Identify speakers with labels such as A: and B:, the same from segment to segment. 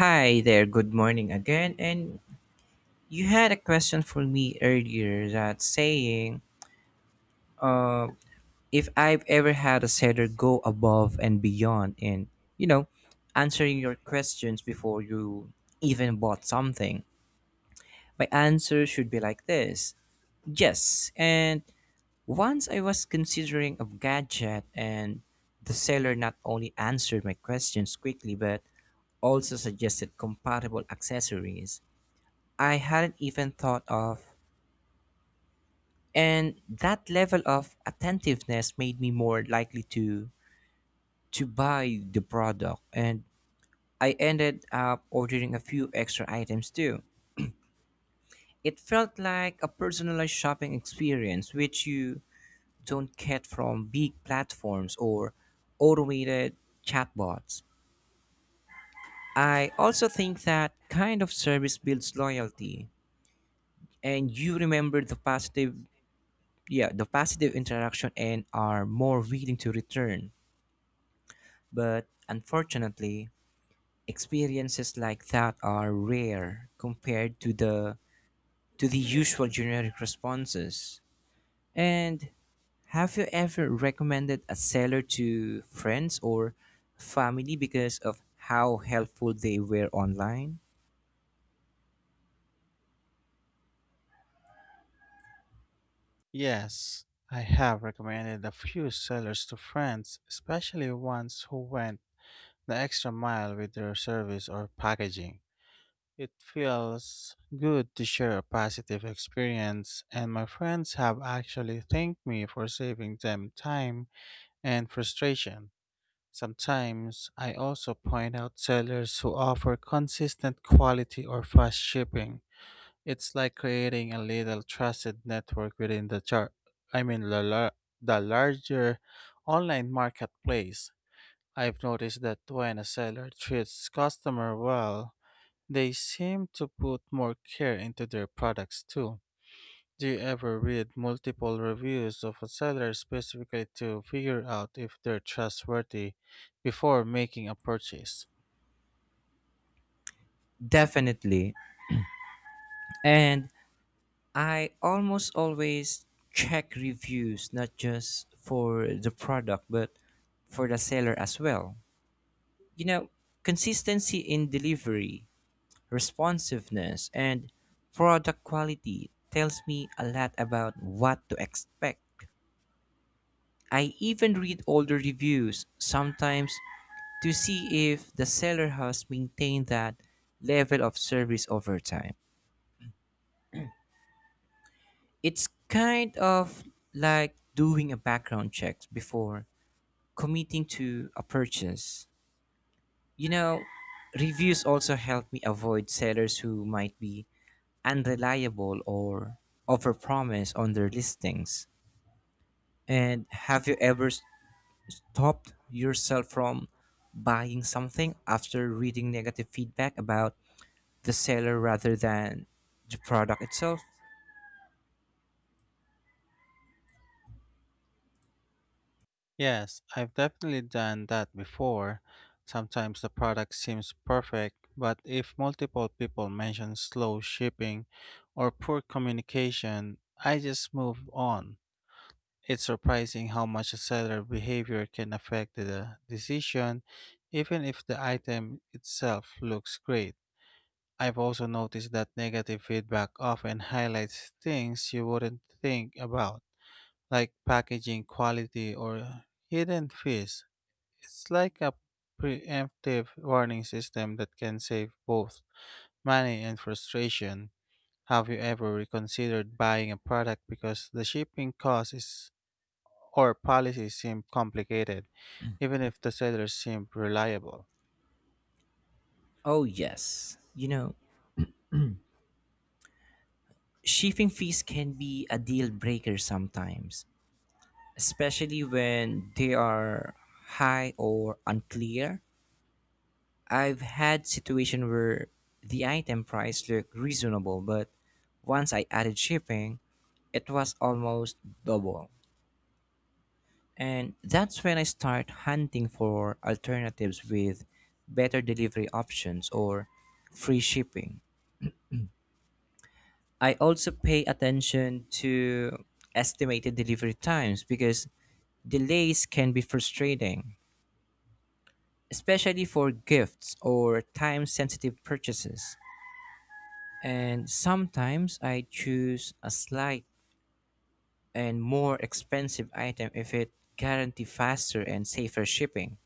A: Hi there, good morning again. And you had a question for me earlier that saying, uh, if
B: You
A: I've ever had a setter
B: understand
A: go
B: that go
A: above and
B: above and
A: beyond
B: beyond
A: in,
B: in,
A: you know,
B: you know,
A: answering your
B: answering your
A: questions
B: questions
A: before
B: before
A: you even
B: you even
A: bought
B: box.
A: something. My answer should be like this. Yes. And once I was considering a gadget, and the seller not only answered my questions quickly, but also suggested compatible accessories I hadn't even thought of. And that level of attentiveness made me more likely to buy the product, and I ended up ordering a few extra items too. It felt like a personalized shopping experience which you don't get from big platforms or automated chatbots. I
B: I
A: also think
B: think
A: that
B: that
A: kind of
B: kind of
A: service
B: service
A: builds
B: brings
A: loyalty,
B: loyalty,
A: and
B: and
A: you
B: you
A: remember the
B: remember the
A: positive
B: past,
A: yeah, the
B: yeah, the
A: positive
B: past name
A: interaction,
B: interaction.
A: and are more willing to return. But unfortunately, experiences like that are rare compared to the usual generic responses. And have you ever recommended a seller to friends or family because of how helpful they were online?
B: Yes, I have recommended a few sellers to friends, especially ones who went the extra mile with their service or packaging. It feels good to share a positive experience, and my friends have actually thanked me for saving them time and frustration. Sometimes I also point out sellers who offer consistent quality or fast shipping. It's like creating a little trusted network within the chart. The the larger online marketplace. I've noticed that when a seller treats customer well, they seem to put more care into their products too. Do you ever read multiple reviews of a seller specifically to figure out if they're trustworthy before making a purchase?
A: Definitely. And I almost always check reviews, not just for the product, but for the seller as well. You know, consistency in delivery, responsiveness, and product quality tells me a lot about what to expect. I even read older reviews sometimes to see if the seller has maintained that level of service over time. It's kind of like doing a background check before committing to a purchase. You know, reviews also help me avoid sellers who might be unreliable or overpromise on their listings. And have you ever stopped yourself from buying something after reading negative feedback about the seller rather than the product itself?
B: Yes, I've definitely done that before. Sometimes the product seems perfect, but if multiple people mention slow shipping or poor communication, I just move on. It's surprising how much seller behavior can affect the decision, even if the item itself looks great. I've also noticed that negative feedback often highlights things you wouldn't think about, like packaging quality or hidden fees. It's like a preemptive warning system that can save both money and frustration. Have you ever reconsidered buying a product because the shipping cost is or policies seem complicated, even if the sellers seem reliable?
A: Oh, yes. You know, shipping fees can be a deal breaker sometimes, especially when they are high or unclear. I've had situation where the item price looked reasonable, but once I added shipping, it was almost double. And that's when I start hunting for alternatives with better delivery options or free shipping. I also pay attention to estimated delivery times because delays can be frustrating, especially for gifts or time sensitive purchases. And sometimes I choose a slight and more expensive item if it guarantees faster and safer shipping.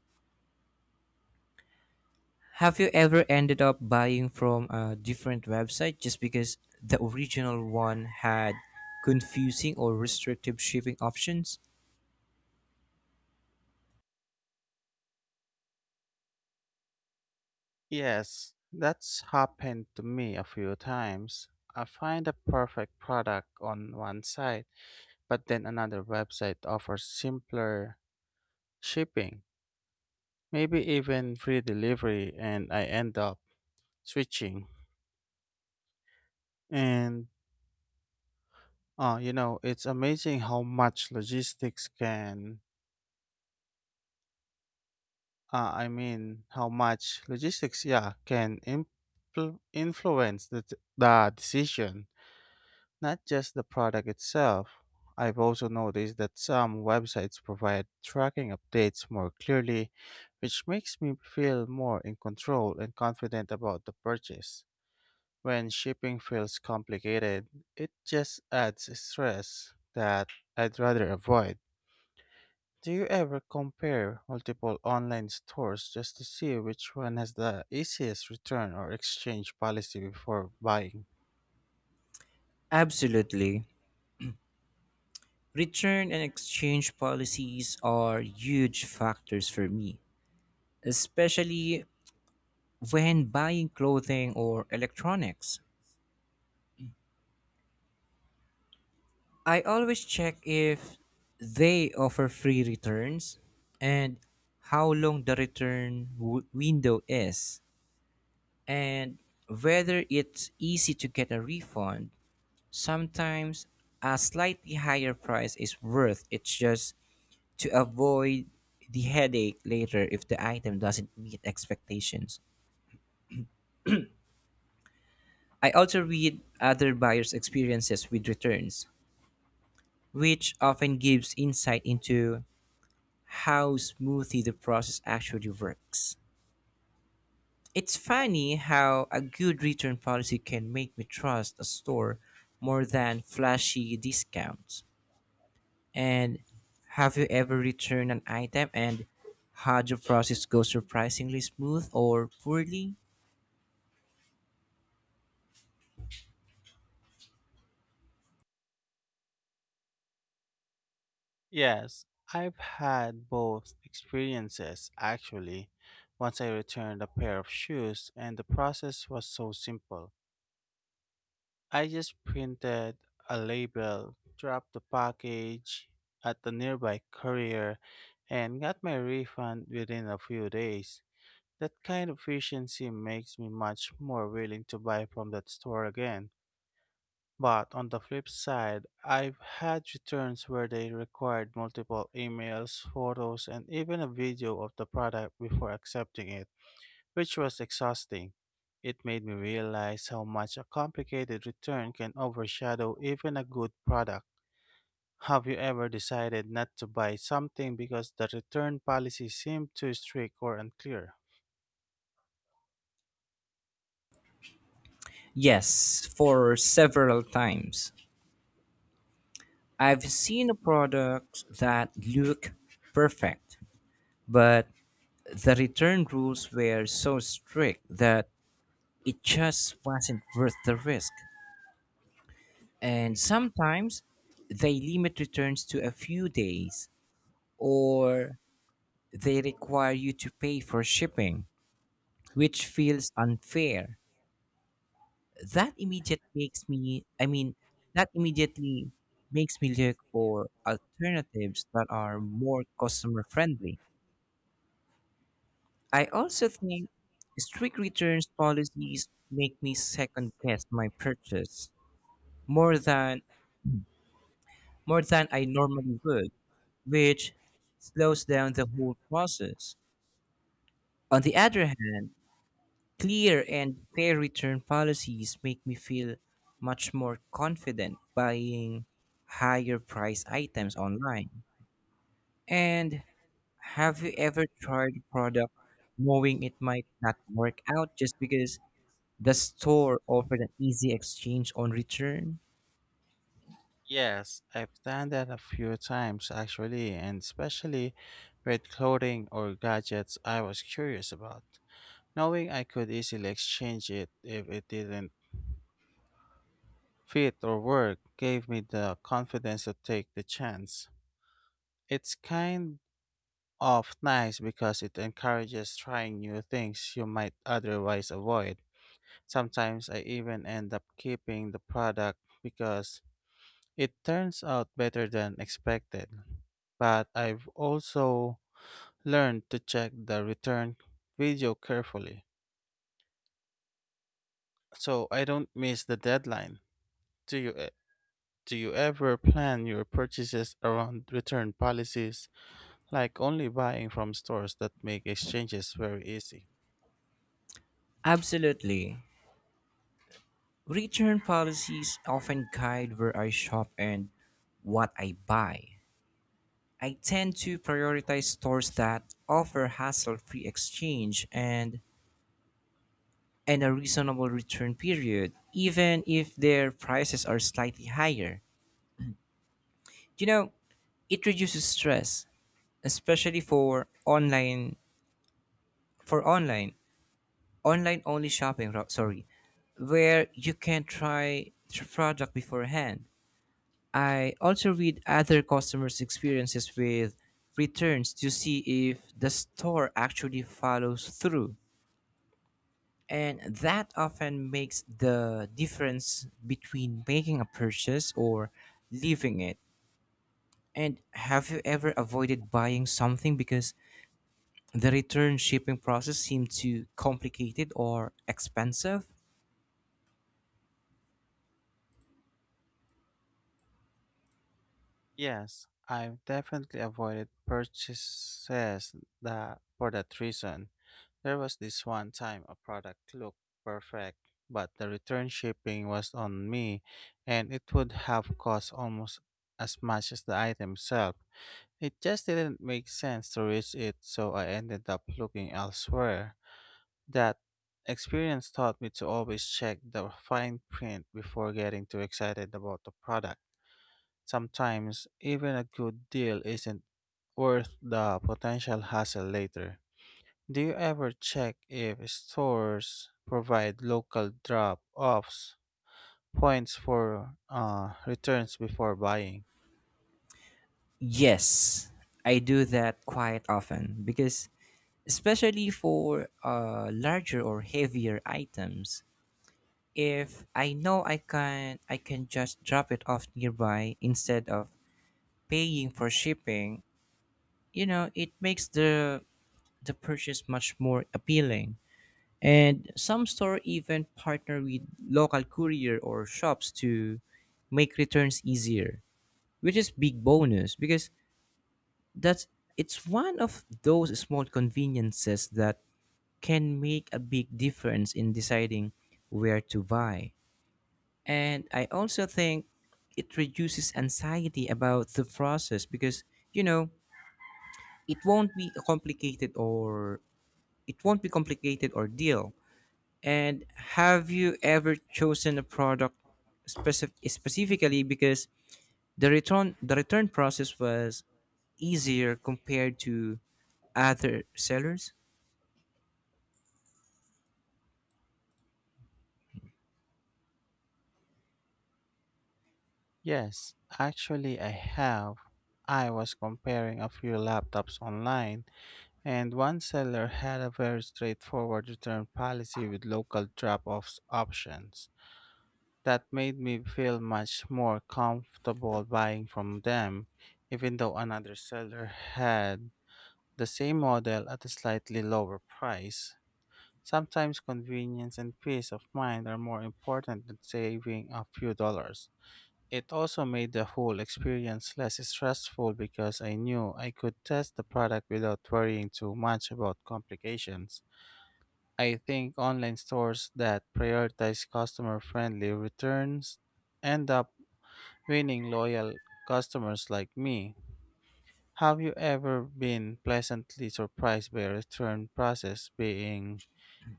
A: Have you ever ended up buying from a different website just because the original one had confusing or restrictive shipping options?
B: Yes, that's happened to me a few times. I find a perfect product on one site, but then another website offers simpler shipping, maybe even free delivery, and I end up switching. And you know, it's amazing how much logistics can how much logistics, yeah, can influence the decision, not just the product itself. I've also noticed that some websites provide tracking updates more clearly, which makes me feel more in control and confident about the purchase. When shipping feels complicated, it just adds stress that I'd rather avoid. Do you ever compare multiple online stores just to see which one has the easiest return or exchange policy before buying?
A: Absolutely. Return and exchange policies are huge factors for me, especially when buying clothing or electronics. I always check if they offer free returns, and how long the return window is, and whether it's easy to get a refund. Sometimes a slightly higher price is worth it just to avoid the headache later if the item doesn't meet expectations. I also read other buyers' experiences with returns, which often gives insight into how smoothly the process actually works. It's funny how a good return policy can make me trust a store more than flashy discounts. And have you ever returned an item and had your process go surprisingly smooth or poorly?
B: Yes, I've had both experiences actually. Once I returned a pair of shoes, and the process was so simple. I just printed a label, dropped the package at the nearby courier, and got my refund within a few days. That kind of efficiency makes me much more willing to buy from that store again. But on the flip side, I've had returns where they required multiple emails, photos, and even a video of the product before accepting it, which was exhausting. It made me realize how much a complicated return can overshadow even a good product. Have you ever decided not to buy something because the return policy seemed too strict or unclear?
A: Yes, for several times. I've seen a product that look perfect, but the return rules were so strict that it just wasn't worth the risk. And sometimes they limit returns to a few days, or they require you to pay for shipping, which feels unfair. That immediate makes me I mean that immediately makes me look for alternatives that are more customer friendly. I also think strict returns policies make me second guess my purchase more than more than I normally would, which slows down the whole process. On the other hand, clear and fair return policies make me feel much more confident buying higher price items online. And have you ever tried a product knowing it might not work out just because the store offered an easy exchange on return?
B: Yes, I've done that a few times actually, and especially with clothing or gadgets I was curious about. Knowing I could easily exchange it if it didn't fit or work gave me the confidence to take the chance. It's kind of nice because it encourages trying new things you might otherwise avoid. Sometimes I even end up keeping the product because it turns out better than expected, but I've also learned to check the return video carefully so I don't miss the deadline. Do you e- do you ever plan your purchases around return policies, like only buying from stores that make exchanges very easy?
A: Absolutely. Return policies often guide where I shop and what I buy. I tend to prioritize stores that offer hassle free exchange and a reasonable return period, even if their prices are slightly higher. You know, it reduces stress, especially for online only shopping ro- sorry where you can try the product beforehand. I also read other customers experiences with returns to see if the store actually follows through, and that often makes the difference between making a purchase or leaving it. And have you ever avoided buying something because the return shipping process seemed too complicated or expensive?
B: Yes, I've definitely avoided purchases that for that reason. There was this one time a product looked perfect, but the return shipping was on me and it would have cost almost as much as the item itself. It just didn't make sense to reach it, so I ended up looking elsewhere. That experience taught me to always check the fine print before getting too excited about the product. Sometimes, even a good deal isn't worth the potential hassle later. Do you ever check if stores provide local drop offs points for returns before buying?
A: Yes, I do that quite often because, especially for larger or heavier items, if I know I can just drop it off nearby instead of paying for shipping, you know, it makes the purchase much more appealing. And some store even partner with local courier or shops to make returns easier, which is big bonus because That's it's one of those small conveniences that can make a big difference in deciding where to buy. And I also think it reduces anxiety about the process because, you know, it won't be a complicated or it won't be complicated or deal. And have you ever chosen a product specifically because the return process was easier compared to other sellers?
B: Yes, actually, I have. I was comparing a few laptops online, and one seller had a very straightforward return policy with local drop offs options. That made me feel much more comfortable buying from them, even though another seller had the same model at a slightly lower price. Sometimes convenience and peace of mind are more important than saving a few dollars. It also made the whole experience less stressful because I knew I could test the product without worrying too much about complications. I think online stores that prioritize customer friendly returns end up winning loyal customers like me. Have you ever been pleasantly surprised by a return process being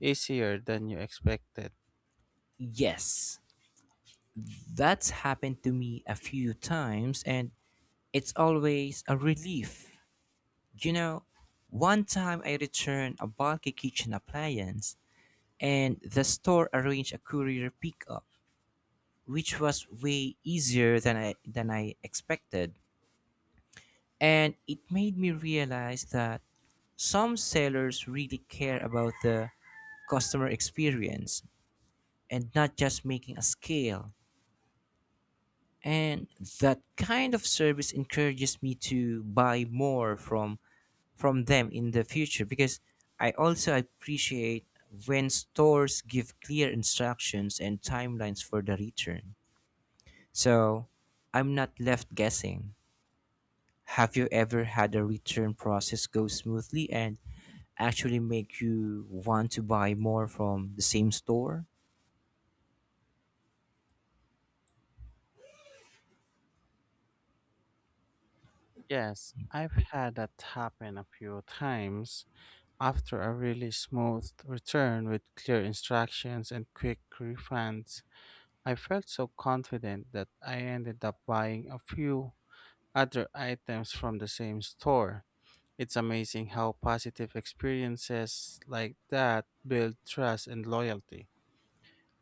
B: easier than you expected?
A: Yes, that's happened to me a few times and it's always a relief. You know, one time I returned a bulky kitchen appliance and the store arranged a courier pickup, which was way easier than I expected. And it made me realize that some sellers really care about the customer experience and not just making a scale. And that kind of service encourages me to buy more from them in the future, because I also appreciate when stores give clear instructions and timelines for the return, so I'm not left guessing. Have you ever had a return process go smoothly and actually make you want to buy more from the same store?
B: Yes, I've had that happen a few times. After a really smooth return with clear instructions and quick refunds, I felt so confident that I ended up buying a few other items from the same store. It's amazing how positive experiences like that build trust and loyalty.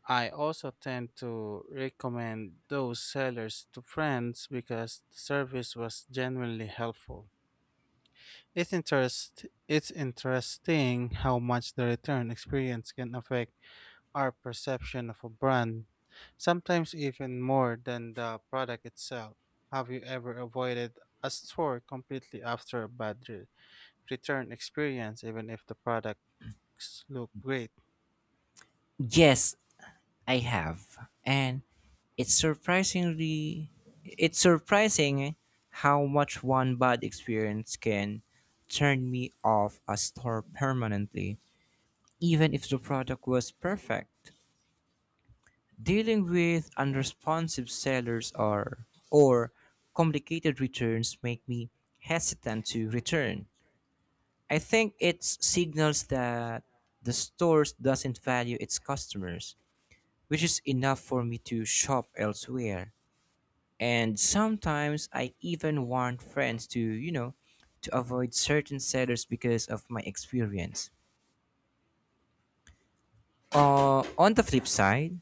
B: I also tend to recommend those sellers to friends because the service was genuinely helpful. It's interesting how much the return experience can affect our perception of a brand, sometimes even more than the product itself. Have you ever avoided a store completely after a bad return experience, even if the products look great?
A: Yes, I have, and it's surprisingly it's surprising how much one bad experience can turn me off a store permanently, even if the product was perfect. Dealing with unresponsive sellers or complicated returns make me hesitant to return. I think it signals that the store doesn't value its customers, which is enough for me to shop elsewhere. And sometimes I even warn friends to, you know, to avoid certain sellers because of my experience. On the flip side,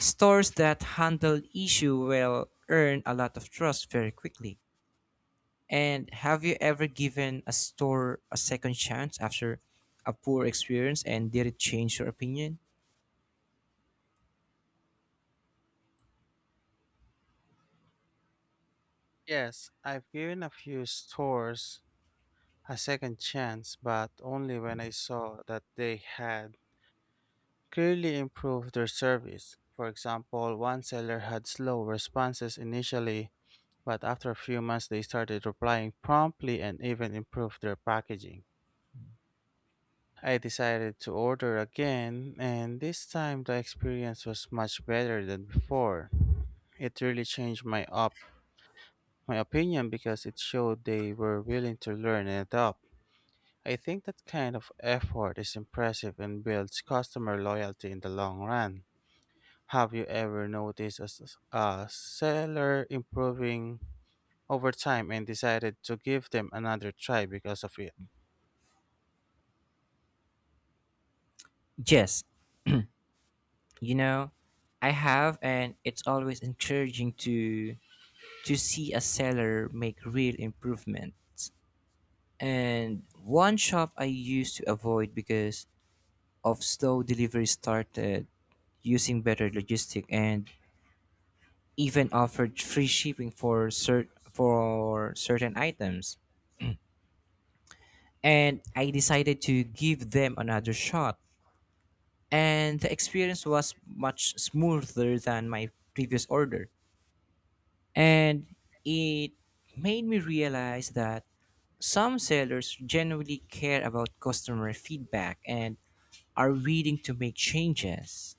A: stores that handle issue will earn a lot of trust very quickly. And have you ever given a store a second chance after a poor experience, and did it change your opinion?
B: Yes, I've given a few stores a second chance, but only when I saw that they had clearly improved their service. For example, one seller had slow responses initially, but after a few months they started replying promptly and even improved their packaging. I decided to order again, and this time the experience was much better than before. It really changed my opinion because it showed they were willing to learn and adapt. I think that kind of effort is impressive and builds customer loyalty in the long run. Have you ever noticed a seller improving over time and decided to give them another try because of it?
A: Yes, you know, I have, and it's always encouraging to see a seller make real improvements. And one shop I used to avoid because of slow delivery started using better logistic and even offered free shipping for certain items. And I decided to give them another shot, and the experience was much smoother than my previous order. And it made me realize that some sellers genuinely care about customer feedback and are willing to make changes.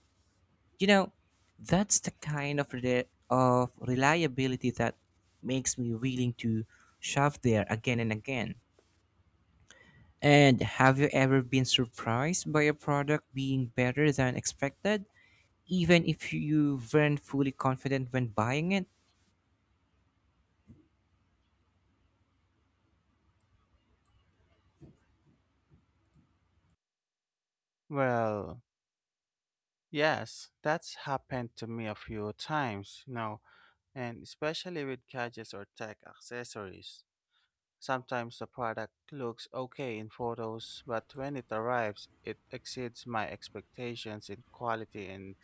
A: You know, that's the kind of reliability that makes me willing to shop there again and again. And have you ever been surprised by a product being better than expected, even if you weren't fully confident when buying it?
B: Well, yes, that's happened to me a few times, you know, and especially with gadgets or tech accessories. Sometimes the product looks okay in photos, but when it arrives, it exceeds my expectations in quality and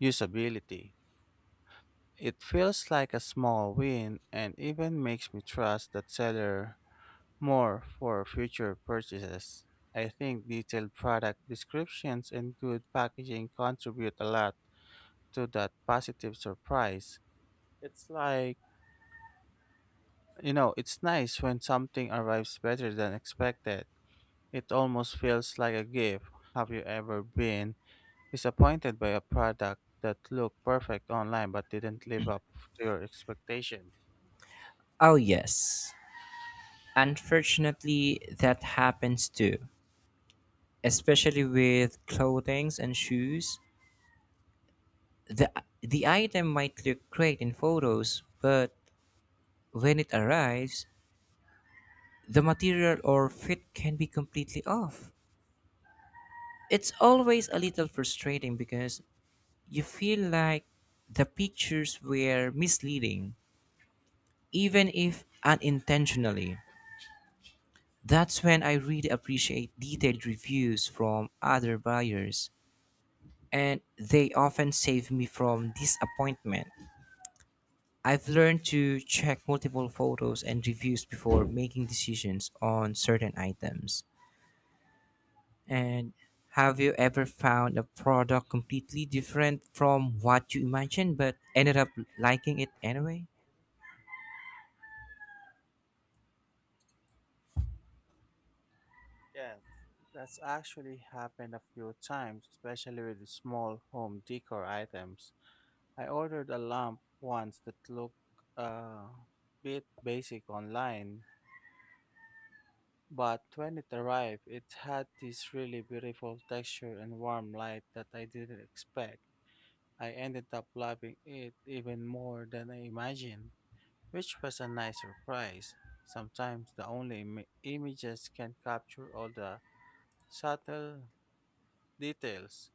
B: usability. It feels like a small win and even makes me trust that seller more for future purchases. I think detailed product descriptions and good packaging contribute a lot to that positive surprise. It's like, you know, it's nice when something arrives better than expected. It almost feels like a gift. Have you ever been disappointed by a product that looked perfect online but didn't live up to your expectation?
A: Oh, yes. Unfortunately, that happens too, especially with clothing and shoes. The, the item might look great in photos, but when it arrives, the material or fit can be completely off. It's always a little frustrating because you feel like the pictures were misleading, even if unintentionally. That's when I really appreciate detailed reviews from other buyers, and they often save me from disappointment. I've learned to check multiple photos and reviews before making decisions on certain items. And have you ever found a product completely different from what you imagined but ended up liking it anyway?
B: Yes, that's actually happened a few times, especially with small home decor items. I ordered a lamp once that looked a bit basic online, but when it arrived, it had this really beautiful texture and warm light that I didn't expect. I ended up loving it even more than I imagined, which was a nice surprise. Sometimes the only images can capture all the subtle details.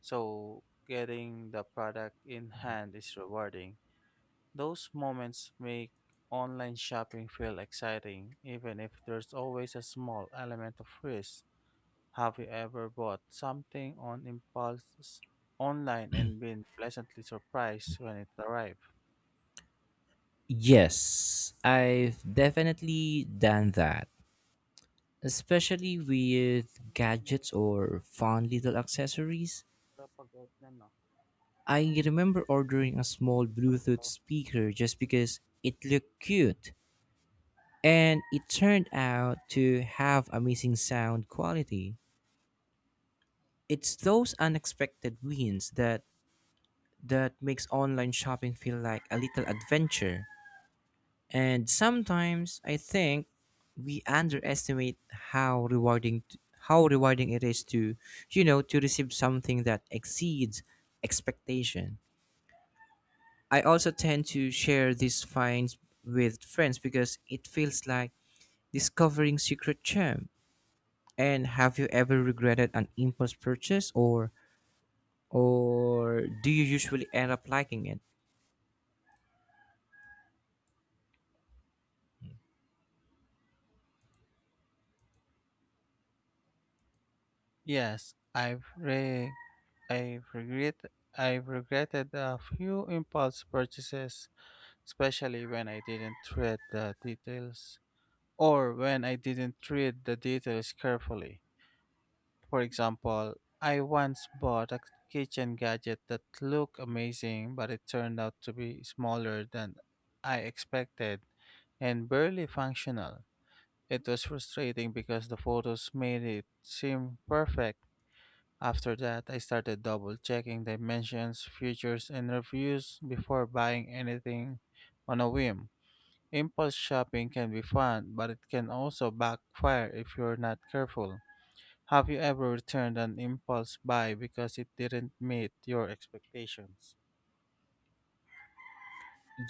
B: So getting the product in hand is rewarding. Those moments make online shopping feel exciting, even if there's always a small element of risk. Have you ever bought something on impulse online and been pleasantly surprised when it arrived?
A: Yes, I've definitely done that, especially with gadgets or fun little accessories. I remember ordering a small Bluetooth speaker just because it looked cute, and it turned out to have amazing sound quality. It's those unexpected wins that makes online shopping feel like a little adventure. And sometimes I think we underestimate how rewarding it is to, you know, to receive something that exceeds expectation. I also tend to share these finds with friends because it feels like discovering secret gem. And have you ever regretted an impulse purchase or do you usually end up liking it?
B: Yes, I've regret I've regretted a few impulse purchases especially when I didn't read the details or when I didn't read the details carefully. For example, I once bought a kitchen gadget that looked amazing, but it turned out to be smaller than I expected and barely functional. It was frustrating because the photos made it seem perfect. After that, I started double checking dimensions, features, and reviews before buying anything on a whim. Impulse shopping can be fun, but it can also backfire if you're not careful. Have you ever returned an impulse buy because it didn't meet your expectations?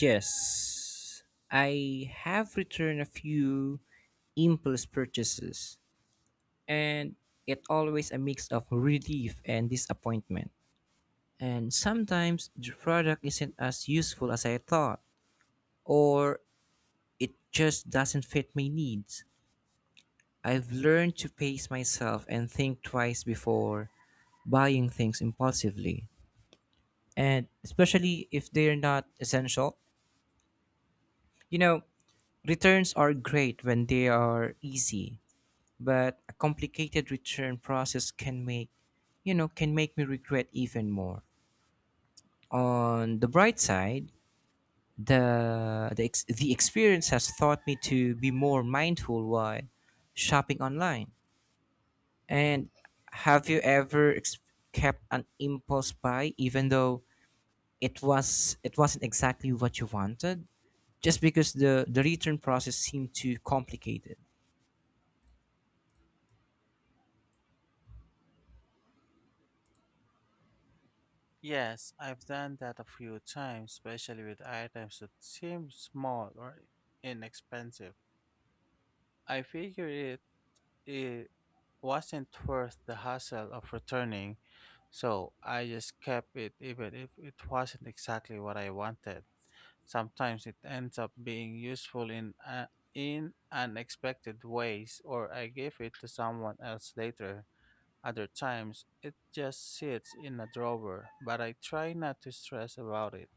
A: Yes. I have returned a few impulse purchases, and it always a mix of relief and disappointment. And sometimes the product isn't as useful as I thought, or it just doesn't fit my needs. I've learned to pace myself and think twice before buying things impulsively, and especially if they're not essential. You know, returns are great when they are easy, but a complicated return process can make, can make me regret even more. On the bright side, the experience has taught me to be more mindful while shopping online. And have you ever kept an impulse buy even though it wasn't exactly what you wanted just because the return process seemed too complicated?
B: Yes, I've done that a few times, especially with items that seem small or inexpensive. I figured it wasn't worth the hassle of returning, so I just kept it even if it wasn't exactly what I wanted. Sometimes it ends up being useful in unexpected ways or I give it to someone else later. Other times it just sits in a drawer, but I try not to stress about it.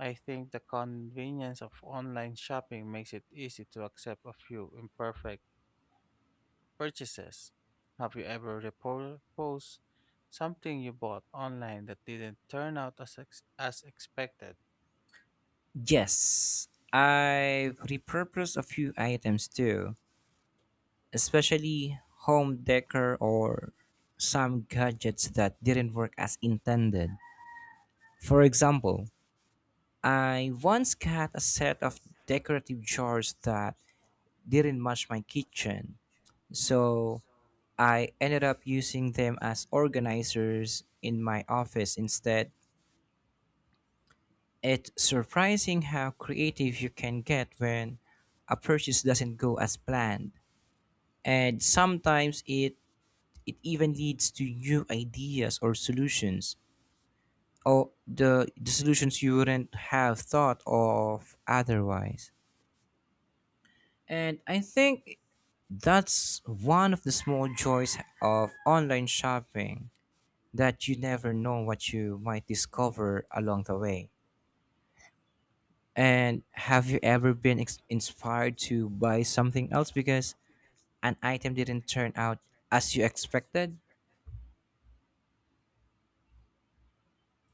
B: I think the convenience of online shopping makes it easy to accept a few imperfect purchases. Have you ever repurposed something you bought online that didn't turn out as expected?
A: Yes. I've repurposed a few items too, especially home decor or some gadgets that didn't work as intended. For example, I once got a set of decorative jars that didn't match my kitchen. So I ended up using them as organizers in my office instead. It's surprising how creative you can get when a purchase doesn't go as planned. And sometimes it even leads to new ideas or solutions, or the solutions you wouldn't have thought of otherwise. And I think that's one of the small joys of online shopping, that you never know what you might discover along the way. And have you ever been inspired to buy something else because an item didn't turn out as you expected?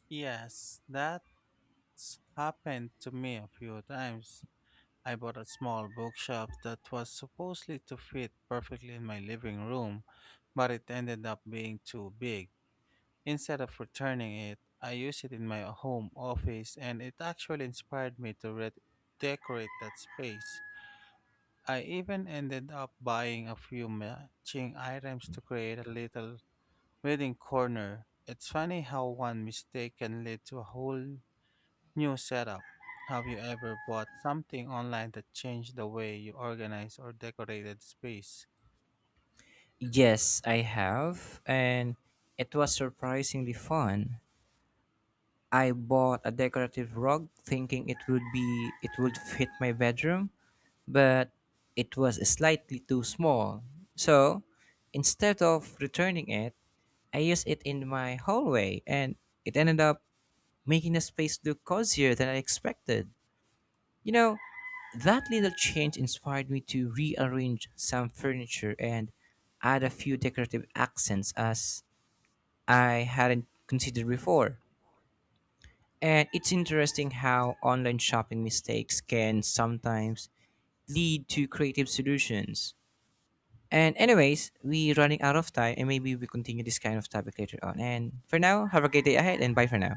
B: Yes, that it's happened to me a few times. I bought a small bookshelf that was supposedly to fit perfectly in my living room, but it ended up being too big. Instead of returning it, I used it in my home office and it actually inspired me to decorate that space. I even ended up buying a few matching items to create a little reading corner. It's funny how one mistake can lead to a whole new setup. Have you ever bought something online that changed the way you organized or decorated space?
A: Yes, I have, and it was surprisingly fun. I bought a decorative rug thinking it would fit my bedroom, but it was slightly too small. So, instead of returning it, I used it in my hallway, and it ended up making the space look cozier than I expected. You know, that little change inspired me to rearrange some furniture and add a few decorative accents as I hadn't considered before. And it's interesting how online shopping mistakes can sometimes lead to creative solutions. And anyways, we're running out of time, and maybe we continue this kind of topic later on. And for now, have a great day ahead, and bye for now.